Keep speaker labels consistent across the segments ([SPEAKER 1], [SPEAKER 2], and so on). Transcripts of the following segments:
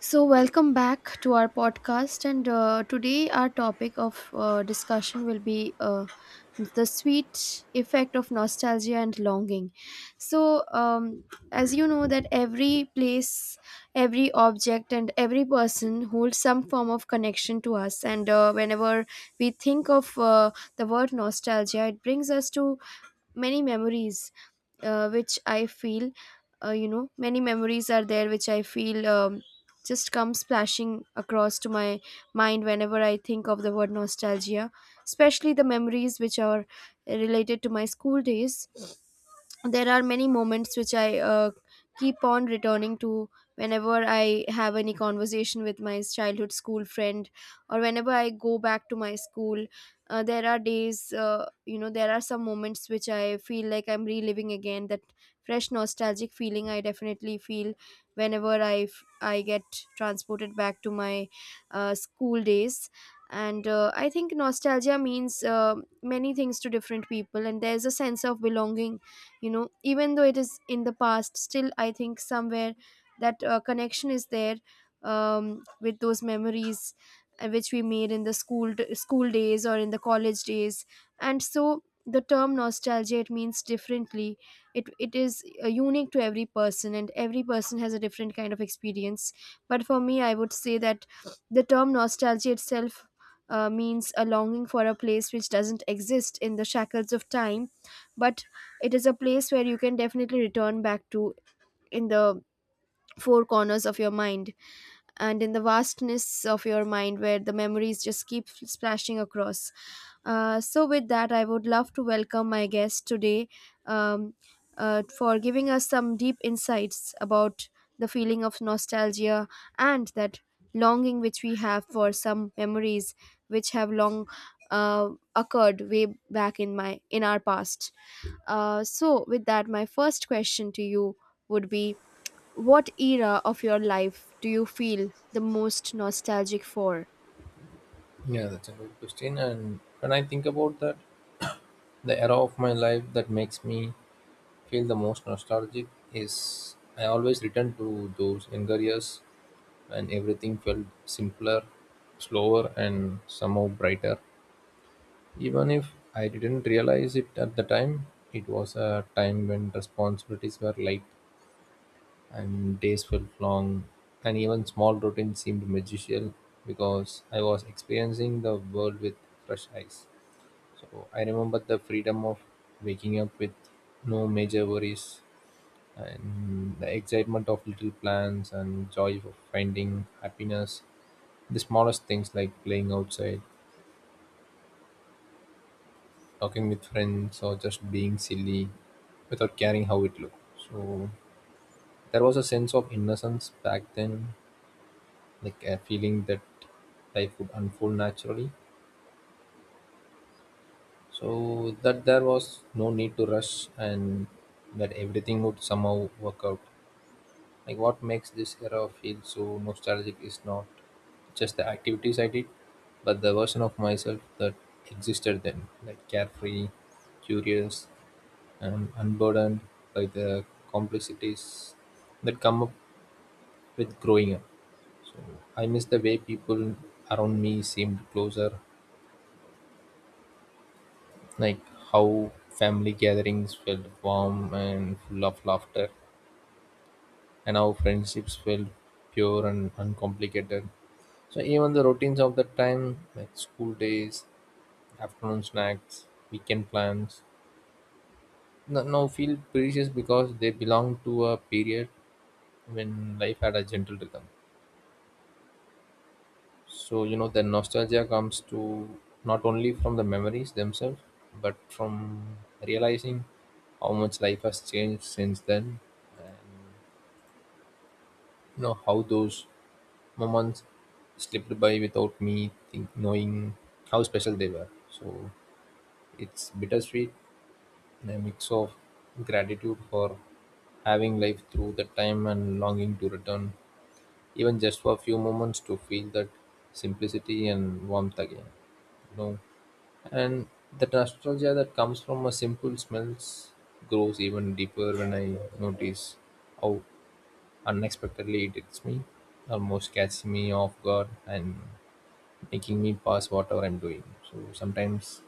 [SPEAKER 1] So, welcome back to our podcast. And today, our topic of discussion will be the sweet effect of nostalgia and longing. So, um, as you know, that every place, every object, and every person holds some form of connection to us. And Whenever we think of the word nostalgia, it brings us to many memories which I feel. Many memories are there which I feel just come splashing across to my mind whenever I think of the word nostalgia, especially the memories which are related to my school days. There are many moments which I keep on returning to whenever I have any conversation with my childhood school friend or whenever I go back to my school. There are days, there are some moments which I feel like I'm reliving again. That fresh nostalgic feeling I definitely feel whenever I get transported back to my school days. And I think nostalgia means many things to different people, and there's a sense of belonging. You know, even though it is in the past, still I think somewhere that connection is there with those memories which we made in the school days or in the college days. And so the term nostalgia, it means differently. It is unique to every person, and every person has a different kind of experience. But for me, I would say that the term nostalgia itself means a longing for a place which doesn't exist in the shackles of time, but it is a place where you can definitely return back to, in the four corners of your mind and in the vastness of your mind where the memories just keep splashing across. So, with that, I would love to welcome my guest today, um, for giving us some deep insights about the feeling of nostalgia and that longing which we have for some memories which have long uh, occurred way back in my in our past. So, with that, my first question to you would be: what era of your life do you feel the most nostalgic for?
[SPEAKER 2] Yeah, that's a good question. And when I think about that, the era of my life that makes me feel the most nostalgic is I always return to those younger years when everything felt simpler, slower, and somehow brighter. Even if I didn't realize it at the time, it was a time when responsibilities were light and days felt long, and even small routines seemed magical because I was experiencing the world with fresh eyes. So I remember the freedom of waking up with no major worries and the excitement of little plans and joy of finding happiness. The smallest things like playing outside, talking with friends, or just being silly without caring how it looked. So there was a sense of innocence back then, like a feeling that life would unfold naturally. So that there was no need to rush and that everything would somehow work out. Like what makes this era feel so nostalgic is not just the activities I did, but the version of myself that existed then, like carefree, curious, and unburdened by the complexities that come up with growing up. So I miss the way people around me seemed closer, like how family gatherings felt warm and full of laughter, and how friendships felt pure and uncomplicated. So even the routines of the time, like school days, afternoon snacks, weekend plans, now feel precious because they belong to a period when life had a gentle rhythm. So you know the nostalgia comes to not only from the memories themselves, but from realizing how much life has changed since then, and you know how those moments slipped by without me knowing how special they were. So it's bittersweet. A mix of gratitude for having lived through the time and longing to return, even just for a few moments, to feel that simplicity and warmth again. You know, and the nostalgia that comes from a simple smells grows even deeper when I notice how unexpectedly it hits me, almost catching me off guard and making me pass whatever I'm doing. So sometimes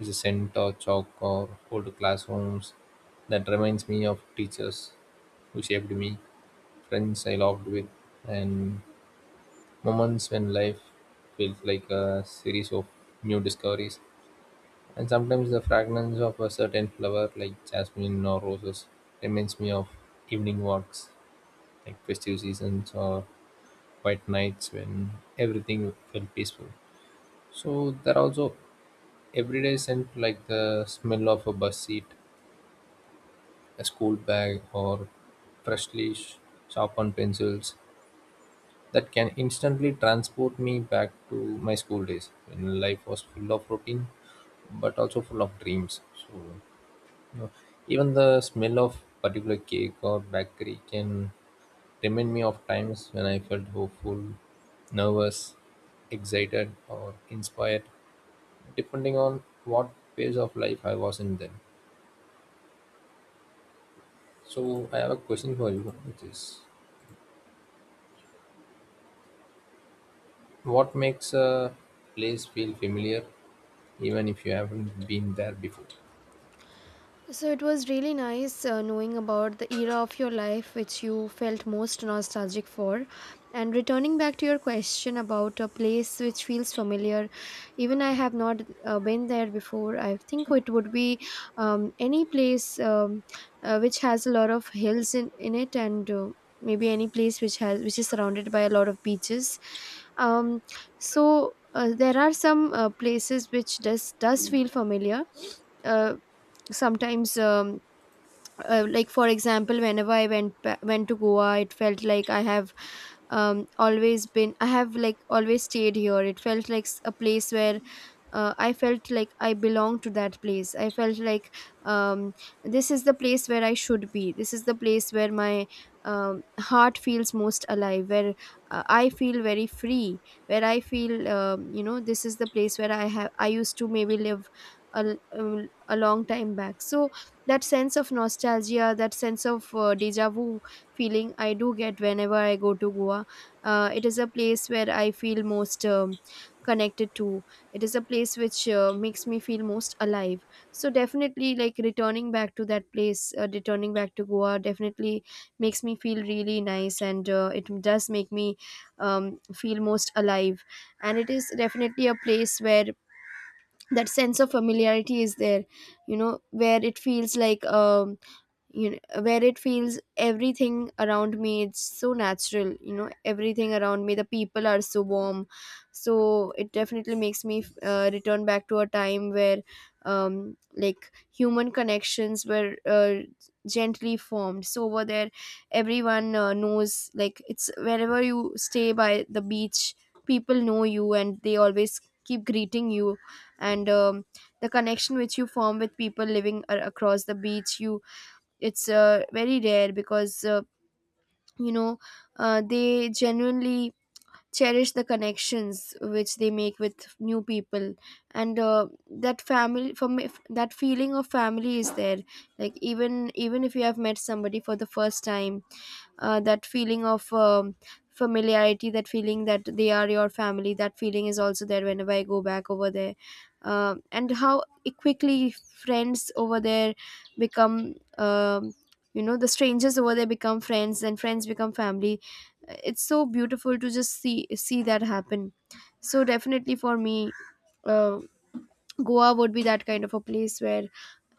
[SPEAKER 2] is a center, chalk, or old classrooms. That reminds me of teachers who shaped me, friends I loved with, and moments when life felt like a series of new discoveries. And sometimes the fragrance of a certain flower, like jasmine or roses, reminds me of evening walks, like festive seasons or quiet nights when everything felt peaceful. So there are also everyday scent like the smell of a bus seat a school bag, or freshly sharpened pencils that can instantly transport me back to my school days when life was full of routine but also full of dreams. You know, even the smell of particular cake or bakery can remind me of times when I felt hopeful, nervous, excited, or inspired, depending on what phase of life I was in then. So I have a question for you, which is what makes a place feel familiar, even if you haven't been there before?
[SPEAKER 1] So it was really nice knowing about the era of your life which you felt most nostalgic for. And returning back to your question about a place which feels familiar, even I have not been there before. I think it would be any place which has a lot of hills in it, and maybe any place which is surrounded by a lot of beaches. Um, so there are some places which does feel familiar. Uh, Sometimes. Like, for example, whenever I went to Goa, it felt like I have always been, I have like always stayed here. It felt like a place where I felt like I belong to that place. I felt like um this is the place where I should be, this is the place where my heart feels most alive, where I feel very free, where I feel, you know, this is the place where I used to maybe live a long time back. So that sense of nostalgia, that sense of deja vu feeling, I do get whenever I go to Goa. It is a place where I feel most connected to. It is a place which makes me feel most alive. So definitely, like, returning back to that place, returning back to Goa definitely makes me feel really nice, and it does make me feel most alive. And it is definitely a place where that sense of familiarity is there, you know, where it feels like, where it feels everything around me, it's so natural. You know, everything around me, the people are so warm. So it definitely makes me return back to a time where, like, human connections were gently formed. So over there, everyone knows, like, it's wherever you stay by the beach, people know you and they always keep greeting you. And the connection which you form with people living across the beach, you, it's very rare, because you know they genuinely cherish the connections which they make with new people. And that feeling of family is there. Like, even if you have met somebody for the first time, that feeling of familiarity, that feeling that they are your family, that feeling is also there whenever I go back over there. And how quickly friends over there become, the strangers over there become friends and friends become family. It's so beautiful to just see that happen. So definitely, for me, uh, Goa would be that kind of a place where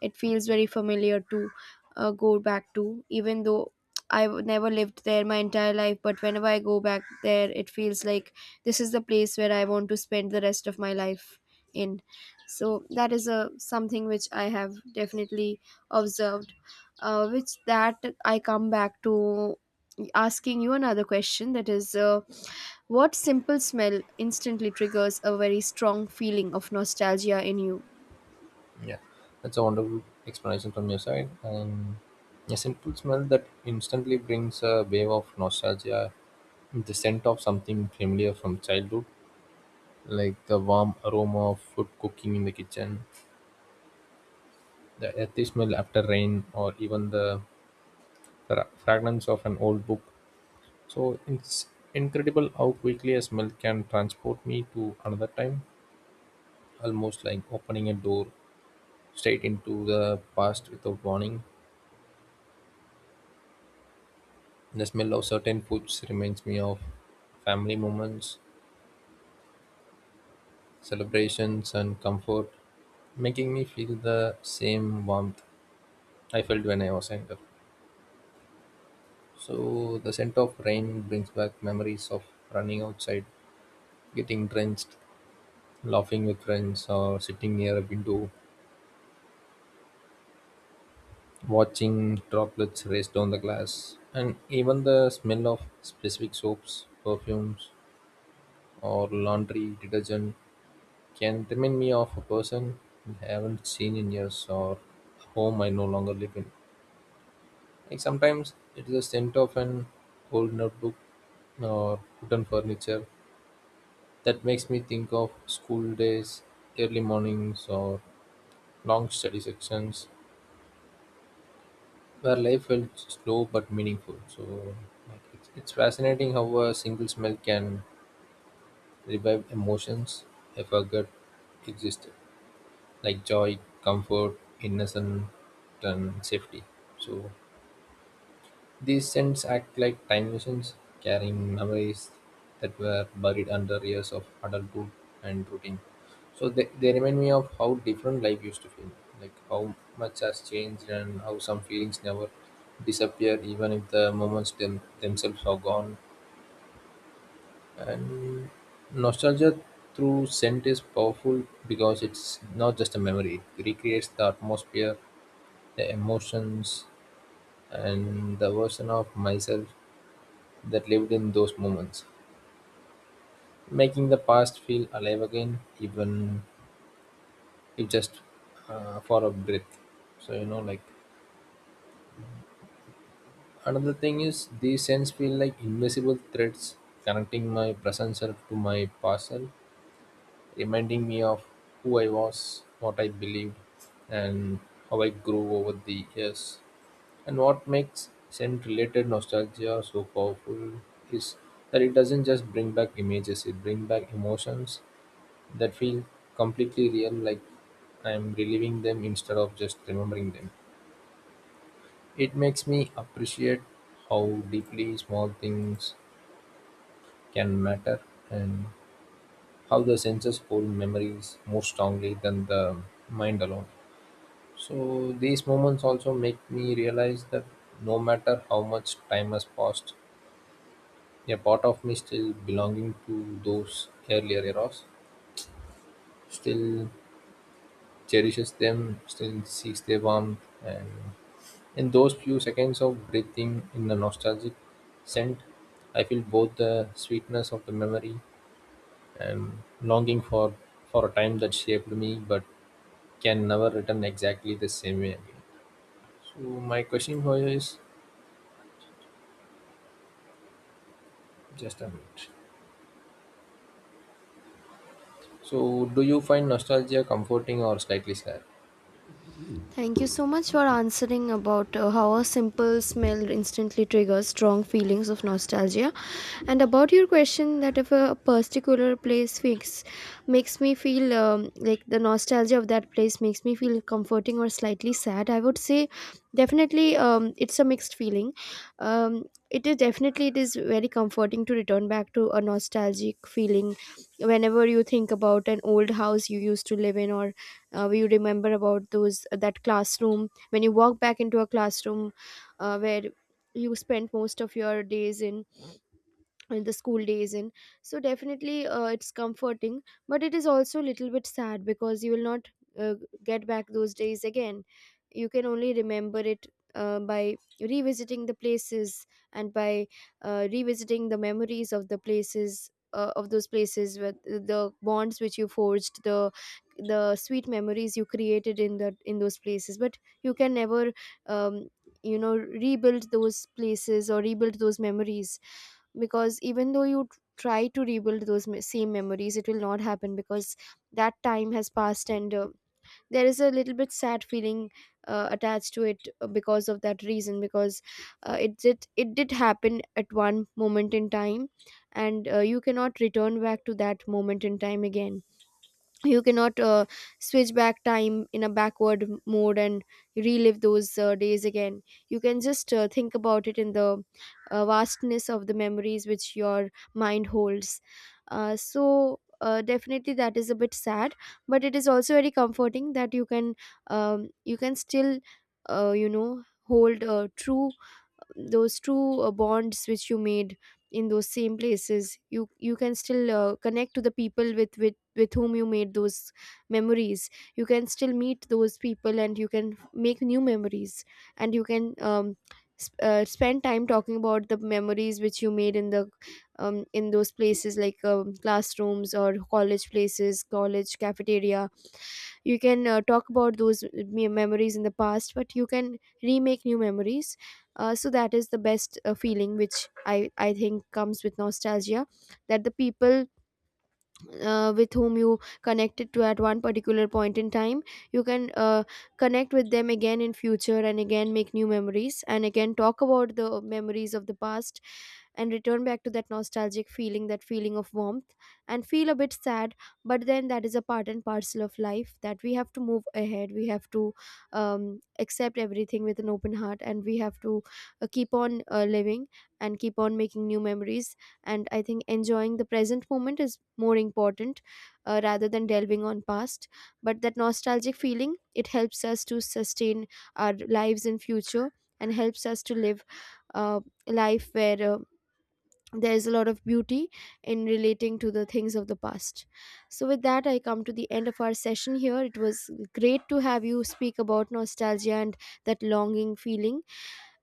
[SPEAKER 1] it feels very familiar to go back to, even though I've never lived there my entire life. But whenever I go back there, it feels like this is the place where I want to spend the rest of my life in. So that is a something which I have definitely observed, which that I come back to. Asking you another question, that is, what simple smell instantly triggers a very strong feeling of nostalgia in you?
[SPEAKER 2] Yeah, that's a wonderful explanation from your side. And a simple smell that instantly brings a wave of nostalgia, the scent of something familiar from childhood, like the warm aroma of food cooking in the kitchen, the earthy smell after rain, or even the fragrance of an old book. So it's incredible how quickly a smell can transport me to another time almost like opening a door straight into the past without warning. The smell of certain foods reminds me of family moments, celebrations, and comfort, making me feel the same warmth I felt when I was younger. So, the scent of rain brings back memories of running outside, getting drenched, laughing with friends, or sitting near a window, watching droplets race down the glass. And even the smell of specific soaps, perfumes, or laundry detergent can remind me of a person I haven't seen in years or a home I no longer live in. Like sometimes it is the scent of an old notebook or wooden furniture that makes me think of school days, early mornings, or long study sections where life felt slow but meaningful. So like, it's fascinating how a single smell can revive emotions I forgot existed. Like joy, comfort, innocence, and safety. So these scents act like time machines, carrying memories that were buried under years of adulthood and routine. So they remind me of how different life used to feel, like how much has changed and how some feelings never disappear even if the moments themselves are gone. And nostalgia through scent is powerful because it's not just a memory, it recreates the atmosphere the emotions, and the version of myself that lived in those moments, making the past feel alive again, even if just for a breath. So, you know, like another thing is these scents feel like invisible threads connecting my present self to my past self, reminding me of who I was, what I believed, and how I grew over the years. And what makes scent-related nostalgia so powerful is that it doesn't just bring back images, it brings back emotions that feel completely real, like I'm reliving them instead of just remembering them. It makes me appreciate how deeply small things can matter and how the senses hold memories more strongly than the mind alone. So these moments also make me realize that no matter how much time has passed, a part of me still belonging to those earlier eras, still cherishes them, still seeks their warmth, and in those few seconds of breathing in the nostalgic scent, I feel both the sweetness of the memory and longing for a time that shaped me but can never return exactly the same way again. So my question for you is just a minute. So do you find nostalgia comforting or slightly sad?
[SPEAKER 1] Thank you so much for answering about how a simple smell instantly triggers strong feelings of nostalgia, and about your question that if a particular place fix makes me feel, like, the nostalgia of that place makes me feel comforting or slightly sad, I would say definitely it's a mixed feeling. Um, it is definitely, it is very comforting to return back to a nostalgic feeling whenever you think about an old house you used to live in, or you remember about those that classroom, when you walk back into a classroom where you spent most of your days in the school days in. So definitely, it's comforting. But it is also a little bit sad, because you will not uh, get back those days again. You can only remember it by revisiting the places, and by revisiting the memories of the places of those places, with the bonds which you forged, the sweet memories you created in that in those places. But you can never, um, rebuild those places or rebuild those memories, because even though you try to rebuild those same memories, it will not happen, because that time has passed. And there is a little bit sad feeling attached to it, because of that reason, because it did happen at one moment in time, and you cannot return back to that moment in time again. You cannot switch back time in a backward mode and relive those days again. You can just think about it in the vastness of the memories which your mind holds. So definitely that is a bit sad, but it is also very comforting that you can, you can still hold true those true bonds which you made in those same places. You can still connect to the people with which, with whom you made those memories. You can still meet those people and you can make new memories. And you can spend time talking about the memories which you made in the, in those places, like, classrooms or college places, college cafeteria. You can talk about those memories in the past, but you can remake new memories. So that is the best feeling which I think comes with nostalgia, that the people with whom you connected to at one particular point in time, you can connect with them again in future, and again make new memories, and again talk about the memories of the past, and return back to that nostalgic feeling, that feeling of warmth, and feel a bit sad. But then, that is a part and parcel of life, that we have to move ahead. We have to accept everything with an open heart, and we have to keep on living and keep on making new memories. And I think enjoying the present moment is more important rather than delving on past. But that nostalgic feeling, it helps us to sustain our lives in future, and helps us to live a life where there is a lot of beauty in relating to the things of the past. So, with that, I come to the end of our session here. It was great to have you speak about nostalgia and that longing feeling.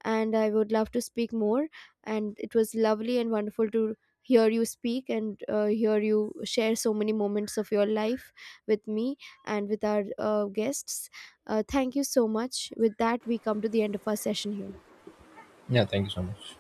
[SPEAKER 1] And I would love to speak more. And it was lovely and wonderful to hear you speak, and hear you share so many moments of your life with me and with our guests. Thank you so much. With that, we come to the end of our session here.
[SPEAKER 2] Yeah, thank you so much.